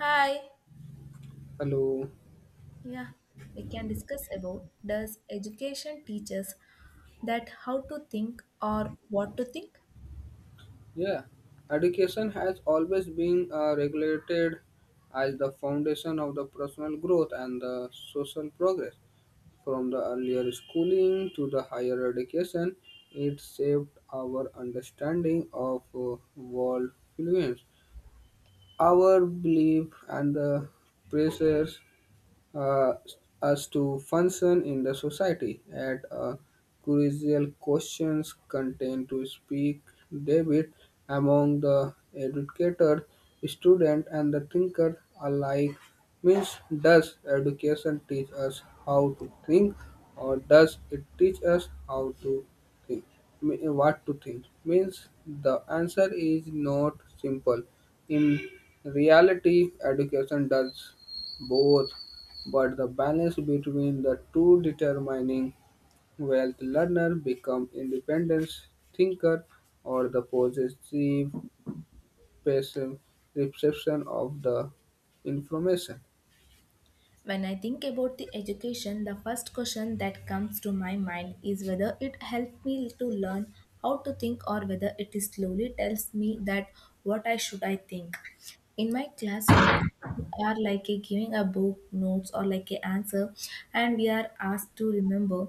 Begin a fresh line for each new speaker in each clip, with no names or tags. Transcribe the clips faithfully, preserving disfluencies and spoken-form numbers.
Hi.
Hello.
Yeah, we can discuss about does education teach us that how to think or what to think?
Yeah. Education has always been uh, regulated as the foundation of the personal growth and the social progress. From the earlier schooling to the higher education, it shaped our understanding of uh, world influence, our belief and the pressures uh, us to function in the society at a crucial questions contained to speak debate among the educator, student and the thinker alike means does education teach us how to think or does it teach us how to think me- what to think means the answer is not simple in reality education does both but the balance between the two determining wealth learner become independent thinker or the possessive passive reception of the information.
When I think about the education, the first question that comes to my mind is whether it helped me to learn how to think or whether it is slowly tells me that what I should I think. In my classroom we are like a giving a book notes or like a answer and we are asked to remember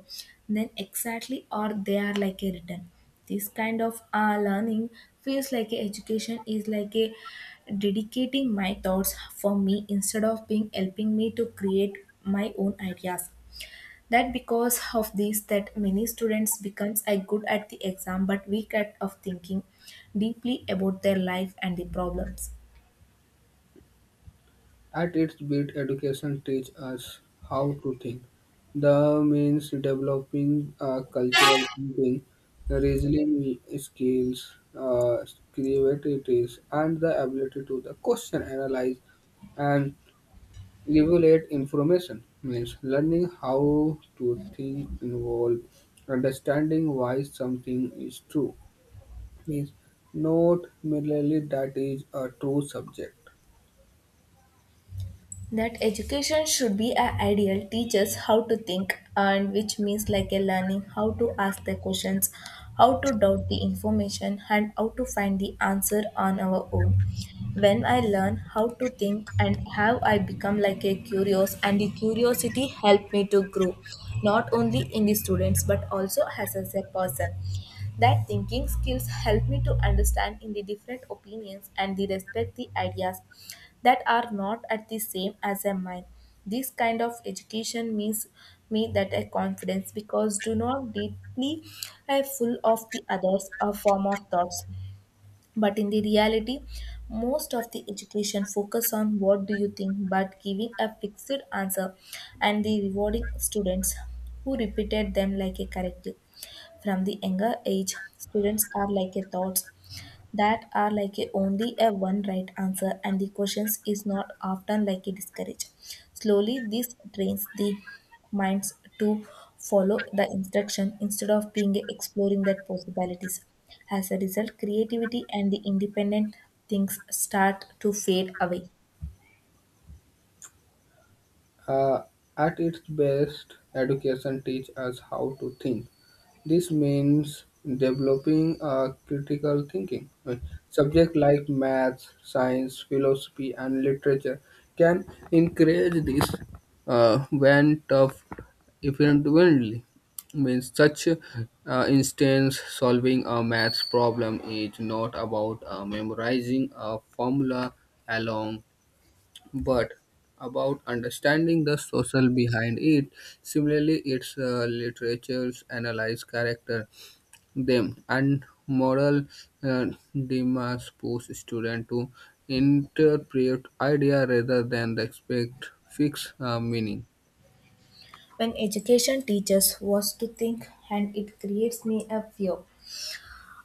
then exactly or they are like a written this kind of uh, learning feels like a education is like a dedicating my thoughts for me instead of being helping me to create my own ideas that because of this that many students becomes a good at the exam but weak at of thinking deeply about their life and the problems
At its best, education teach us how to think. The means developing uh, cultural thinking, reasoning skills, uh, creativity, and the ability to the question analyze and evaluate information means learning how to think involve understanding why something is true means not merely that is a true subject.
that education should be a ideal teaches how to think and which means like a learning how to ask the questions, how to doubt the information and how to find the answer on our own. When I learn how to think and how I become like a curious and the curiosity helped me to grow not only in the students but also as as a person. That thinking skills help me to understand in the different opinions and the respect the ideas that are not at the same as a mine. This kind of education means me that a confidence because do not deeply a full of the others a form of thoughts. But in the reality, most of the education focus on what do you think, but giving a fixed answer and the rewarding students who repeated them like a corrective. From the younger age, students are like a thoughts that are like a only a one right answer and the questions is not often like a discourage. Slowly this trains the minds to follow the instruction instead of being exploring that possibilities. As a result, creativity and the independent things start to fade away
Uh, at its best, education teaches us how to think. This means developing a critical thinking. Uh, Subjects like maths, science, philosophy, and literature can encourage this uh, when tough effectively. Means such uh, instance solving a maths problem is not about uh, memorizing a formula alone but about understanding the social behind it. Similarly, its uh, literatures analyze character, them, and moral uh, dilemmas push students to interpret idea rather than the expect fixed uh, meaning.
when education teaches was to think and it creates me a fear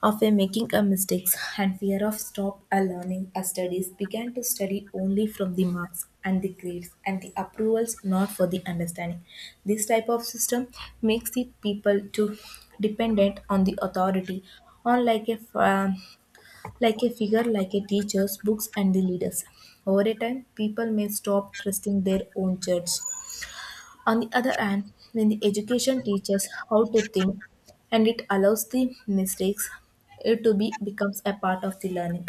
of a making a mistakes and fear of stop a learning as studies began to study only from the marks and the grades and the approvals, not for the understanding. This type of system makes the people to dependent on the authority on like a um, like a figure like a teachers, books and the leaders. Over a time people may stop trusting their own judge. On the other hand, when the education teaches how to think and it allows the mistakes, it to be becomes a part of the learning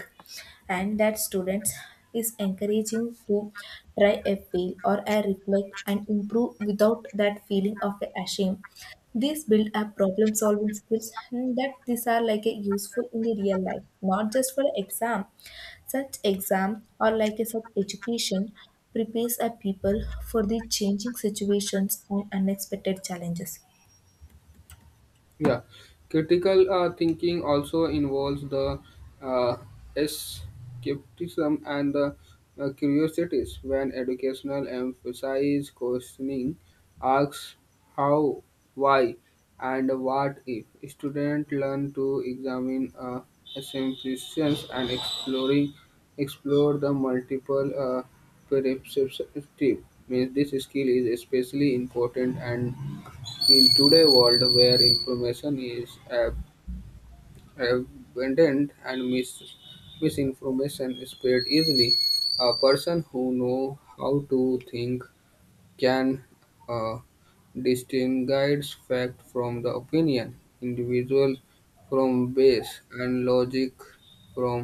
and that students is encouraging to try a fail or a reflect and improve without that feeling of a shame. These build up problem solving skills and that these are like a useful in the real life, not just for exam. Such exam or like a such education prepares a people for the changing situations and unexpected challenges.
Yeah, critical uh, thinking also involves the uh, skepticism and the uh, curiosities when educational emphasize questioning, asks how, why, and what if. Students learn to examine uh, assumptions and exploring explore the multiple uh, perspectives. Means this skill is especially important and in today's world where information is ab- abundant and mis- misinformation spread easily, a person who knows how to think can uh, distinguish fact from the opinion, individuals from base, and logic from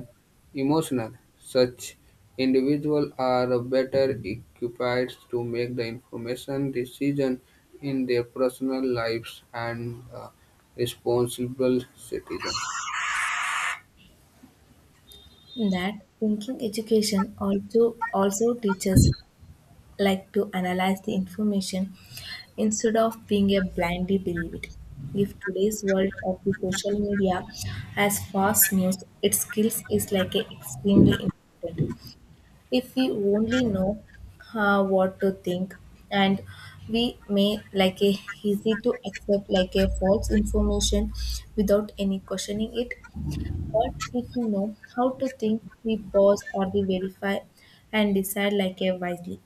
emotional. Such individuals are better equipped to make the information decision in their personal lives and uh, responsible citizen.
That thinking education also also teaches like to analyze the information instead of being a blindly believe it. If today's world of the social media has fast news, its skills is like a extremely important. If we only know uh, what to think and we may like a easy to accept like a false information without any questioning it. But if we know how to think we pause or the verify and decide like a wisely.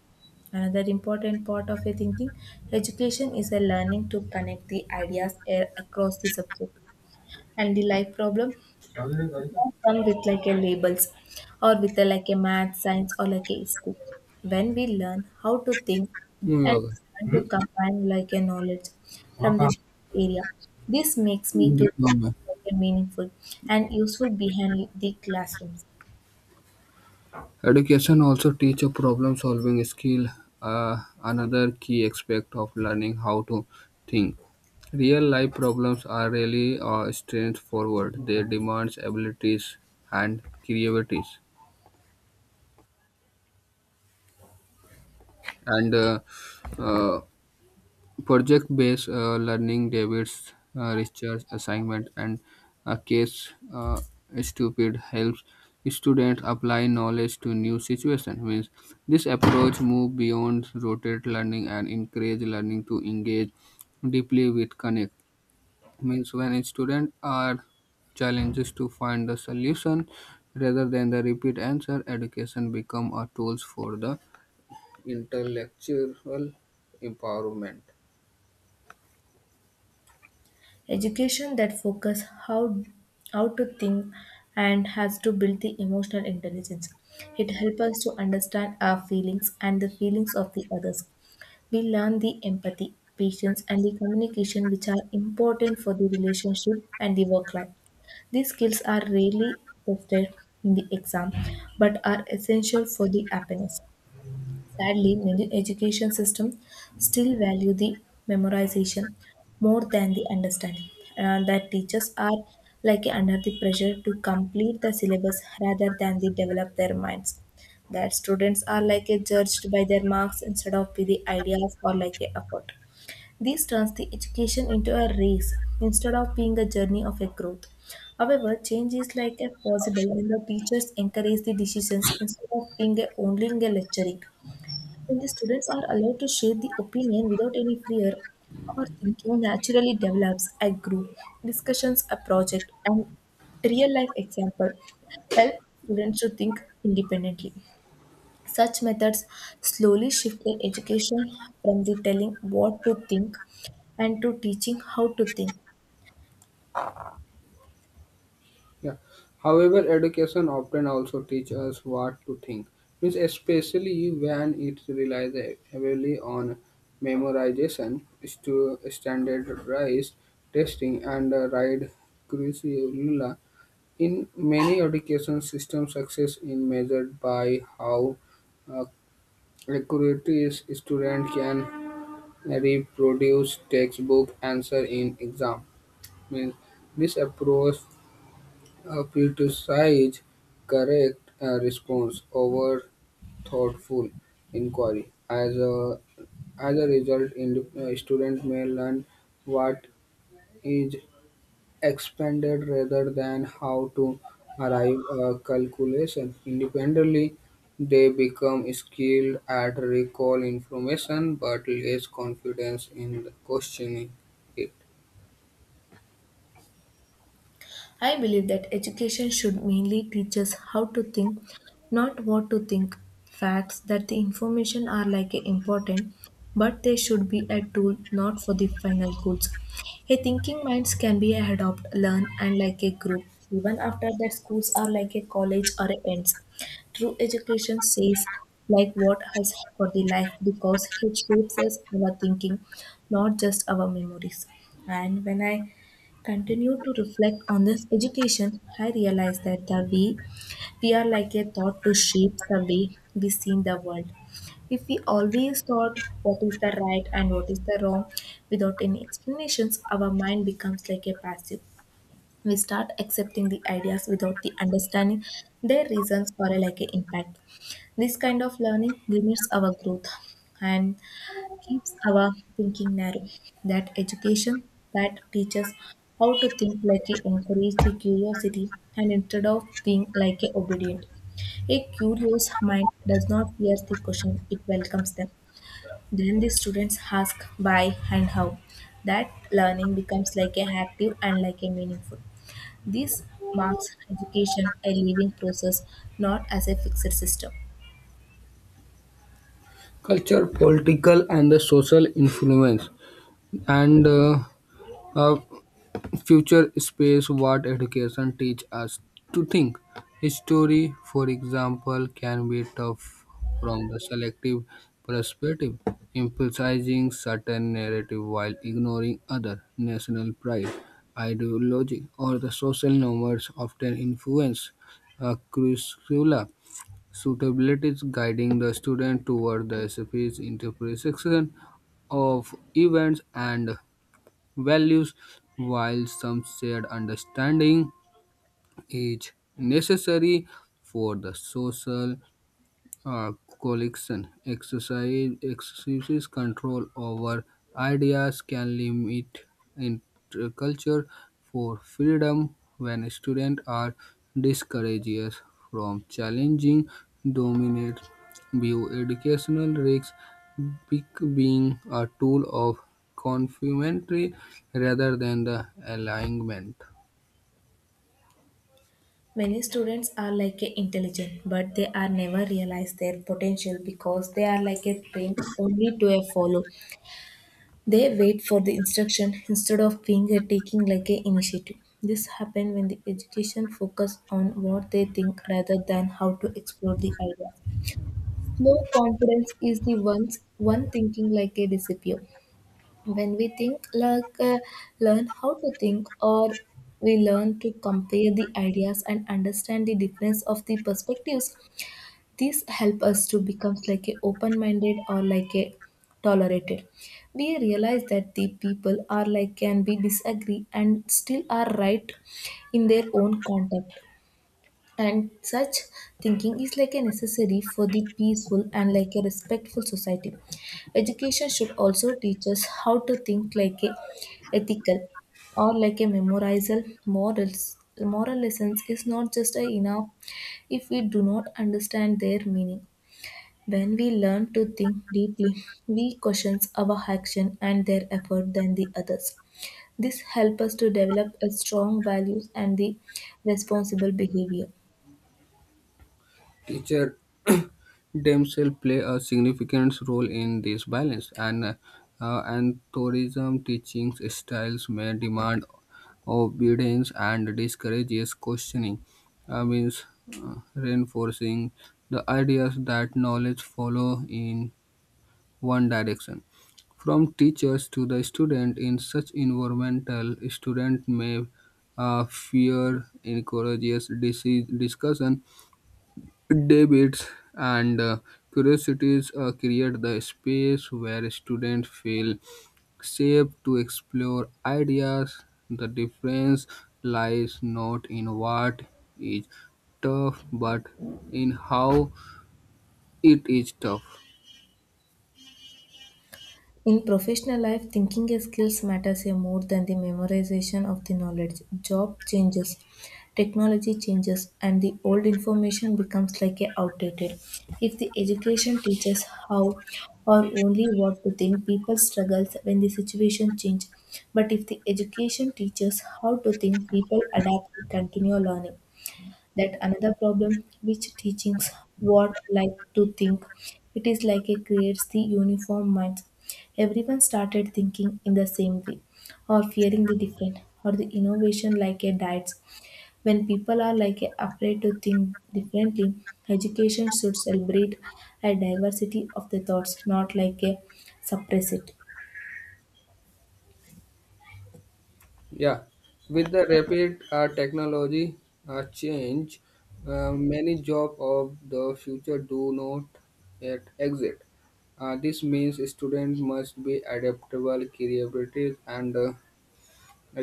Another important part of a thinking education is a learning to connect the ideas a- across the subject and the life problem,
क्या बोल रहे हो गाड़ी का.
not come with like a labels or with a, like a math science or like a school. When we learn how to think
Muy
and
bien.
learn to
hmm?
combine like a knowledge from
हाँ,
the area, this makes me to
हाँ।
learn
No,
like a meaningful and useful behind the classrooms.
education also teach a problem solving skill, uh, another key aspect of learning how to think. Real life problems are really uh, straightforward. They demand abilities and creativities and uh, uh, project-based uh, learning, David's uh, research assignment and a case uh, stupid helps students apply knowledge to new situations. Means this approach move beyond rotate learning and encourage learning to engage deeply with connect. Means when students are challenges to find the solution rather than the repeat answer, education become a tools for the intellectual empowerment.
Education that focus how how to think and has to build the emotional intelligence, it helps us to understand our feelings and the feelings of the others. We learn the empathy, patience, and the communication, which are important for the relationship and the work life. These skills are rarely tested in the exam but are essential for the happiness. Sadly, many education systems still value the memorization more than the understanding, and that teachers are like under the pressure to complete the syllabus rather than they develop their minds. That students are like a judged by their marks instead of by the ideas or like a effort. This turns the education into a race instead of being a journey of a growth. However, change is like a possible when the teachers encourage the decisions instead of being a only a lecturing. When the students are allowed to share the opinion without any fear, our thinking naturally develops. A group discussions, a project, and real life example help students to think independently. Such methods slowly shift the education from the telling what to think and to teaching how to think.
Yeah. However, education often also teach us what to think, means especially when it relies heavily on memorization, stu- standardized testing, and uh, right curricula. In many education systems, success is measured by how uh, accurate a student can reproduce textbook answer in exam. Means this approach uh, criticize correct uh, response over thoughtful inquiry. As a as a result, in, uh, student may learn what is expected rather than how to arrive a calculation independently. They become skilled at recall information but less confidence in questioning it.
I believe that education should mainly teach us how to think, not what to think. Facts that the information are like a important, but they should be a tool, not for the final goals. A thinking minds can be a adopt, learn, and like a group. Even after that, schools are like a college or a ends. True education says like what has for the life because it shapes us our thinking, not just our memories. And when I continue to reflect on this education, I realize that the we we are like a thought to shape the way we see the world. If we always thought what is the right and what is the wrong without any explanations, our mind becomes like a passive. We start accepting the ideas without the understanding their reasons or like an impact. This kind of learning limits our growth and keeps our thinking narrow. That education that teaches how to think like a encourage the curiosity and instead of being like a obedient. A curious mind does not fear the question, it welcomes them. Then the students ask why and how. That learning becomes like a active and like a meaningful. This marks education a living process, not as a fixed system.
Culture, political, and the social influence, and uh, Uh, future space what education teach us to think. History, for example, can be tough from the selective perspective, emphasizing certain narrative while ignoring other national pride, ideology, or the social norms often influence uh, curricula suitabilities guiding the student toward the S F P's interpretation of events and values. While some shared understanding is necessary for the social uh, collection. Exercise, excessive control over ideas can limit interculture for freedom when students are discouraged from challenging dominant view. Educational risks bec- being a tool of confinement rather than the alignment.
Many students are like a intelligent, but they are never realize their potential because they are like a train only to a follow. They wait for the instruction instead of being a taking like a initiative. This happen when the education focus on what they think rather than how to explore the idea. Low confidence is the ones one thinking like a disappear when we think like uh, learn how to think or we learn to compare the ideas and understand the difference of the perspectives. These help us to become like a open-minded or like a tolerated. We realize that the people are like can be disagree and still are right in their own contact. And such thinking is like a necessary for the peaceful and like a respectful society. Education should also teach us how to think like a ethical or like a memorizal morals. Moral lessons is not just a enough if we do not understand their meaning. When we learn to think deeply, we question our action and their effort than the others. This helps us to develop a strong values and the responsible behavior.
Teacher themselves play a significant role in this balance, and uh, and tourism teaching styles may demand obedience and discourages questioning. Uh, means uh, reinforcing the ideas that knowledge follow in one direction. From teachers to the student in such environmental, student may uh, fear encourages dis- discussion debates and uh, curiosities uh, create the space where students feel safe to explore ideas. The difference lies not in what is tough but in how it is tough.
In professional life, thinking a skills matters here more than the memorization of the knowledge. Job changes, technology changes, and the old information becomes like a outdated. If the education teaches how or only what to think, people struggles when the situation change. But if the education teaches how to think, people adapt and continue learning. That another problem which teachings what like to think, it is like it creates the uniform minds. Everyone started thinking in the same way or fearing the different or the innovation like a diet. When people are like a afraid to think differently, education should celebrate a diversity of the thoughts, not like a suppress it.
Yeah, with the rapid uh, technology uh, change, uh, many jobs of the future do not yet exist. Uh, this means students must be adaptable, creative, and uh,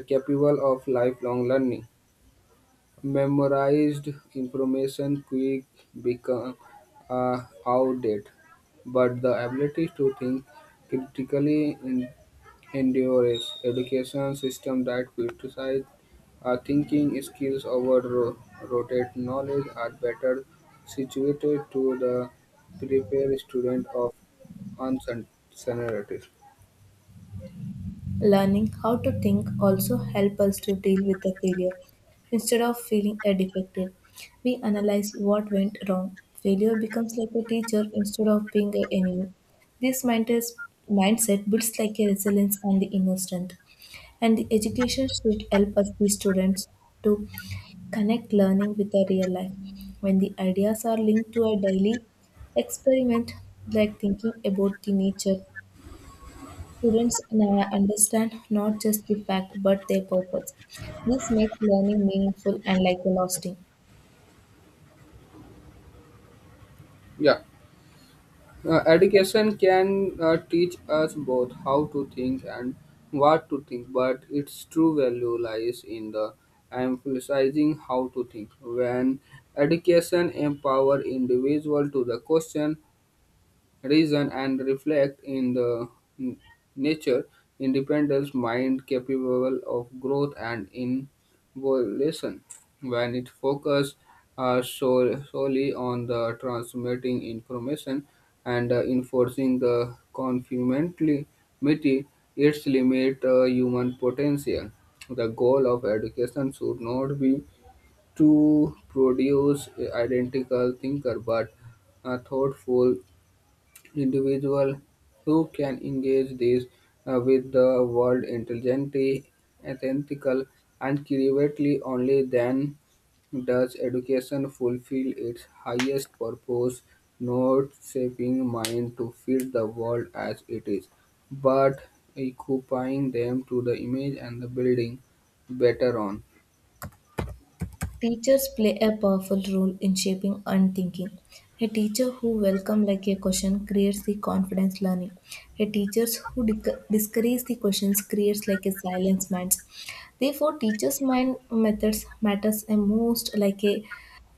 capable of lifelong learning. Memorized information quick become uh, outdated, but the ability to think critically endures education system that prioritize uh, thinking skills over ro- rote knowledge are better situated to the prepare student of uncertainty.
Learning how to think also helps us to deal with the failure. Instead of feeling a defective, we analyze what went wrong. Failure becomes like a teacher instead of being an enemy. This mindset mindset builds like a resilience and the inner strength. And the education should help us, the students, to connect learning with the real life. When the ideas are linked to a daily experiment, like thinking about the nature, students now understand not just the fact but their purpose. This makes learning meaningful and like lasting.
Yeah, uh, education can uh, teach us both how to think and what to think, but its true value lies in the emphasizing how to think. When education empower individual to the question reason and reflect in the n- nature independence mind capable of growth and involution when it focuses uh, sol- solely on the transmitting information and uh, enforcing the conformity its limit uh, human potential the goal of education should not be to produce identical thinker but a thoughtful individuals who can engage these uh, with the world intelligently, ethical, and creatively only then does education fulfill its highest purpose, not shaping mind to fit the world as it is, but equipping them to the image and the building better on.
Teachers play a powerful role in shaping and thinking. A teacher who welcomes like a question creates the confidence learning. A teacher who disc- discourages the questions creates like a silence minds. Therefore, teachers' mind methods matters a most like a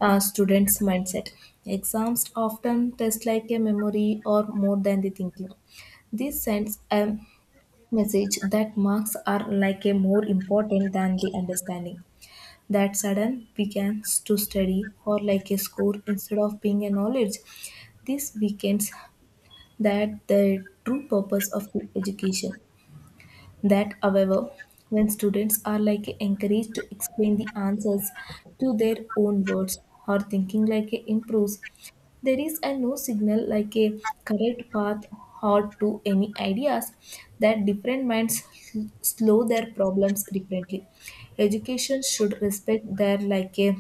uh, student's mindset. Exams often test like a memory or more than the thinking. This sends a message that marks are like a more important than the understanding that sudden begins to study or like a score instead of being a knowledge. This weakens that the true purpose of education. That, however, when students are like encouraged to explain the answers to their own words or thinking like improves, there is a no signal like a correct path or to any ideas that different minds sl- slow their problems differently. Education should respect their like a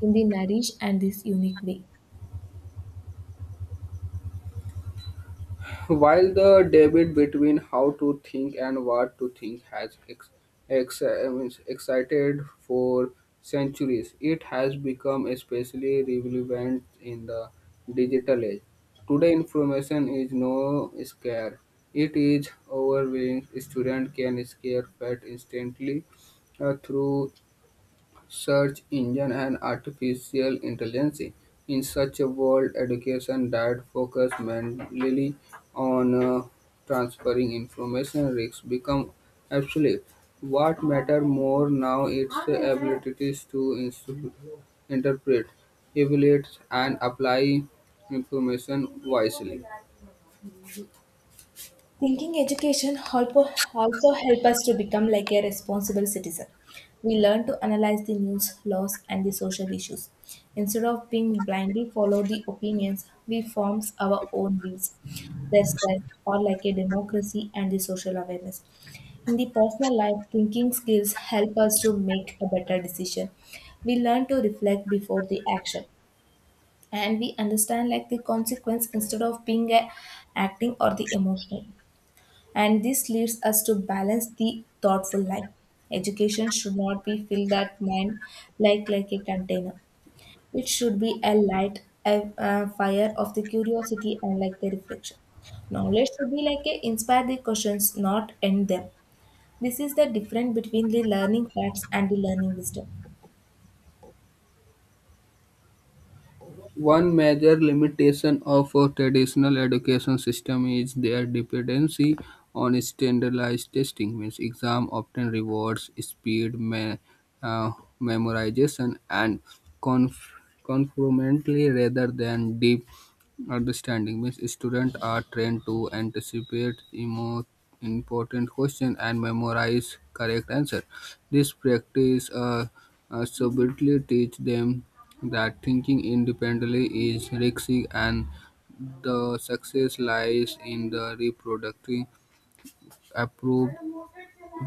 in the nourish and this unique way.
While the debate between how to think and what to think has ex- ex- I mean, excited for centuries, it has become especially relevant in the digital age. Today, information is no scarce; it is overwhelming. Students can scare fact instantly uh, through search engine and artificial intelligence. In such a world, education that focuses mainly on uh, transferring information risks become obsolete. What matter more now is the abilities to instru- interpret, evaluate, and apply information wisely.
Thinking education helpo- also help us to become like a responsible citizen. We learn to analyze the news, laws, and the social issues. Instead of being blindly follow the opinions, we forms our own views. That's why or like a democracy and the social awareness. In the personal life, thinking skills help us to make a better decision. We learn to reflect before the action and we understand like the consequence instead of being a acting or the emotional and this leads us to balance the thoughtful life. Education should not be filled that mind like like a container. It should be a light, a, a fire of the curiosity and like the reflection. Knowledge should be like a inspire the questions, not end them. This is the difference between the learning facts and the learning wisdom.
One major limitation of a traditional education system is their dependency on standardized testing, means exam often rewards speed, me- uh, memorization, and conf- conformity rather than deep understanding. Means students are trained to anticipate emo- important question and memorize correct answer. This practice uh, uh, subtly teach them that thinking independently is risky and the success lies in the reproducing approved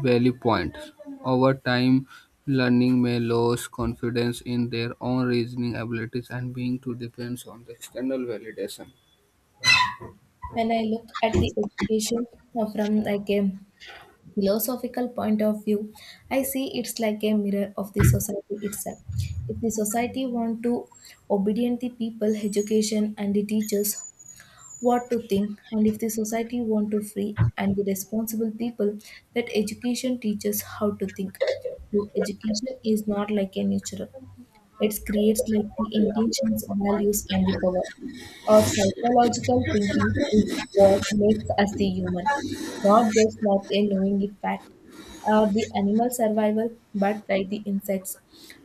value points. Over time, learning may lose confidence in their own reasoning abilities and being to depends on the external validation.
When I look at the education uh, from like a philosophical point of view, I see it's like a mirror of the society itself. If the society want to obedient the people, education and the teachers what to think, and if the society want to free and the responsible people, that education teaches how to think. So education is not like a natural. It creates like the intentions, values, and the power. Our psychological thinking is what makes us the human, not just not a knowing the fact. Or the animal survival, but by the insects.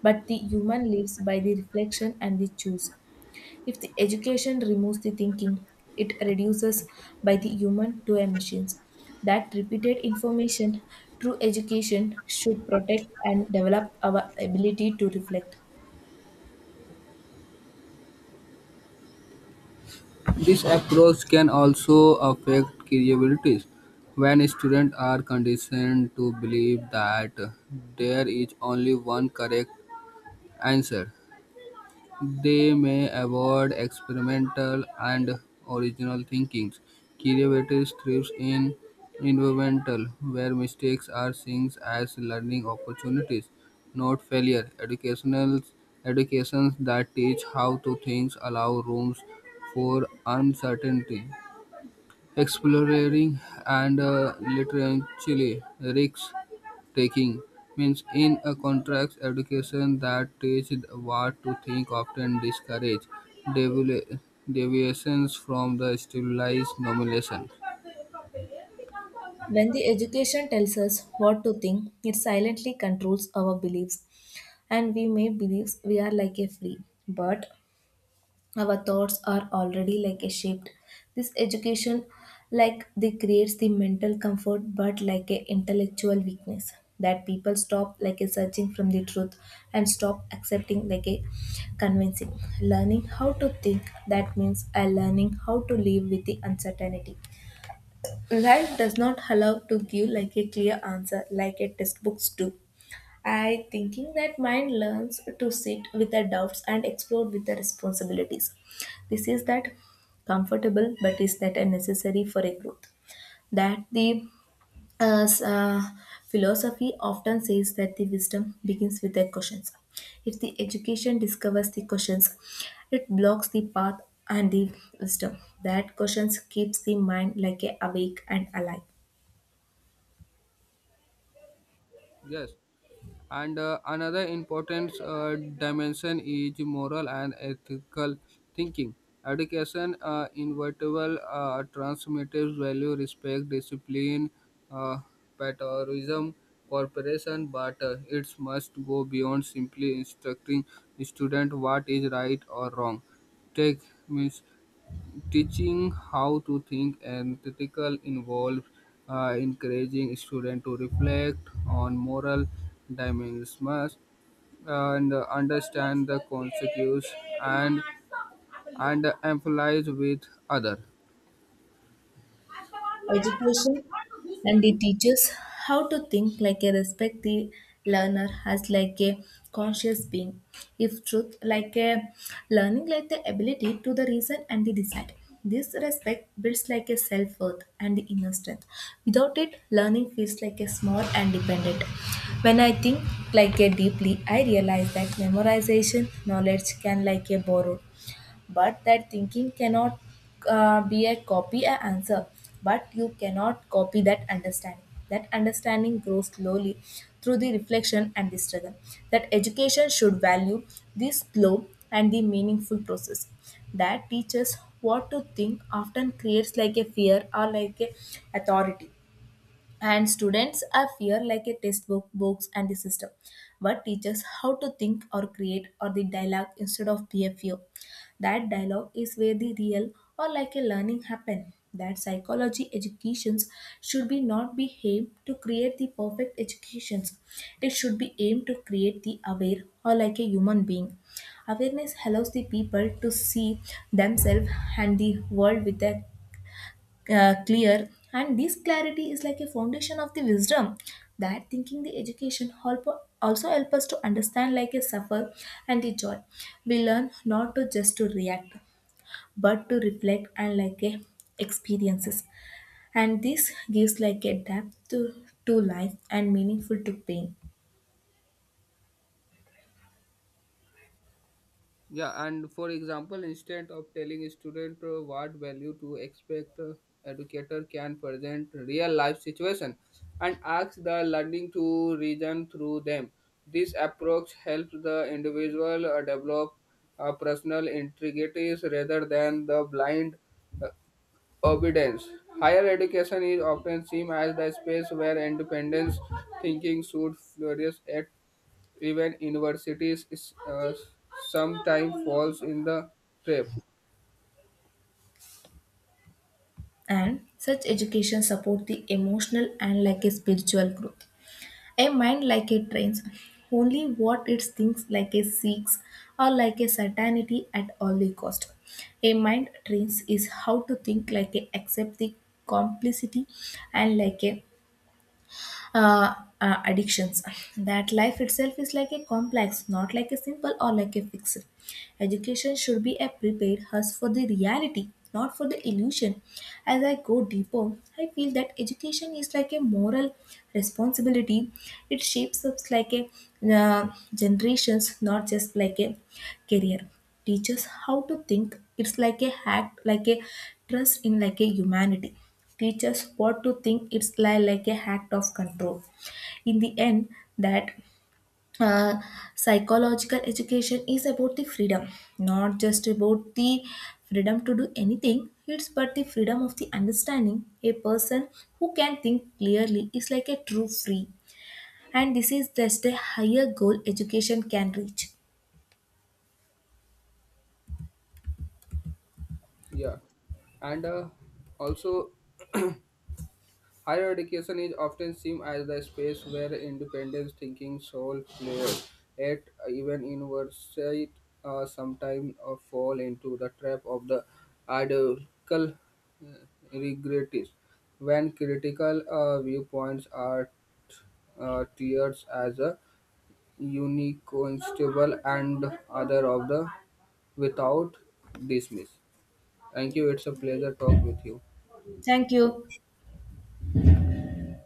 But the human lives by the reflection and the choose. If the education removes the thinking, it reduces by the human to emissions. That repeated information, true education should protect and develop our ability to reflect.
This approach can also affect credibility when students are conditioned to believe that there is only one correct answer. They may avoid experimental and original thinkings. Creativity thrives in environmental, where mistakes are seen as learning opportunities, not failure. Educational educations that teach how to think allow rooms for uncertainty exploring and uh, literally risk taking means in a contract education that teaches what to think often discourage devi- deviations from the stabilized nomination.
When the education tells us what to think, it silently controls our beliefs, and we may believe we are like a flea, but our thoughts are already like a shaped. This education, like they creates the mental comfort, but like a intellectual weakness that people stop like a searching from the truth and stop accepting like a convincing learning how to think that means a learning how to live with the uncertainty. Life does not allow to give like a clear answer like a textbooks do. I thinking that mind learns to sit with the doubts and explore with the responsibilities. This is that comfortable but is that a necessary for a growth. That the as uh, philosophy often says that the wisdom begins with the questions. If the education discovers the questions, it blocks the path and the wisdom. That questions keeps the mind like a awake and alive.
Yes, and uh, another important uh, dimension is moral and ethical thinking. Education, uh, inevitable, uh, transmitted value, respect, discipline, uh, patriotism, cooperation, but uh, it must go beyond simply instructing student what is right or wrong. Take means teaching how to think and critical involve uh, encouraging students to reflect on moral dimensions and uh, understand the consequences and and empathize with other.
Education and it teaches how to think like a respect the learner as like a conscious being, if truth like a learning like the ability to the reason and the decide, this respect builds like a self-worth and the inner strength. Without it learning feels like a small and dependent. When I think like a deeply I realize that memorization knowledge can like a borrow, but that thinking cannot uh, be a copy a answer, but you cannot copy that understanding. That understanding grows slowly through the reflection and the struggle. That education should value the slow and the meaningful process. That teaches what to think often creates like a fear or like a authority, and students are fear like a textbook books and the system, but teaches how to think or create or the dialogue instead of behavior. That dialogue is where the real or like a learning happen. That psychology educations should be not be aimed to create the perfect educations. It should be aimed to create the aware or like a human being. Awareness allows the people to see themselves and the world with a uh, clear, and this clarity is like a foundation of the wisdom. That thinking the education help also help us to understand like a suffer and the joy. We learn not to just to react but to reflect and like a experiences, and this gives like a depth to, to life and meaningful to pain.
Yeah, and for example, instead of telling a student uh, what value to expect, uh, educator can present real life situation and ask the learning to reason through them. This approach helps the individual uh, develop uh, personal integrities rather than the blind uh, obedience. Higher education is often seen as the space where independence thinking should flourish at even universities is, uh, sometimes falls in the trap.
And such education support the emotional and like a spiritual growth. A mind like a train's, only what it thinks like a seeks or like a certainty at all cost. A mind trains is how to think like a accept the complicity and like a uh, uh, addictions. That life itself is like a complex, not like a simple or like a fixed. Education should be a prepared us for the reality, not for the illusion. As I go deeper, I feel that education is like a moral responsibility. It shapes us like a uh, generations, not just like a career. Teaches how to think. It's like a hack, like a trust in like a humanity. Teaches what to think. It's like like a act of control in the end that uh, psychological education is about the freedom, not just about the freedom to do anything. It's but the freedom of the understanding. A person who can think clearly is like a true free, and this is just a higher goal education can reach.
Yeah, and uh, also higher education is often seen as the space where independent thinking soul players at even university uh, sometimes uh, fall into the trap of the ideological uh, regrets when critical uh, viewpoints are uh, tiered as a unique constable and other of the without dismiss. Thank you. It's a pleasure talk with you.
Thank you.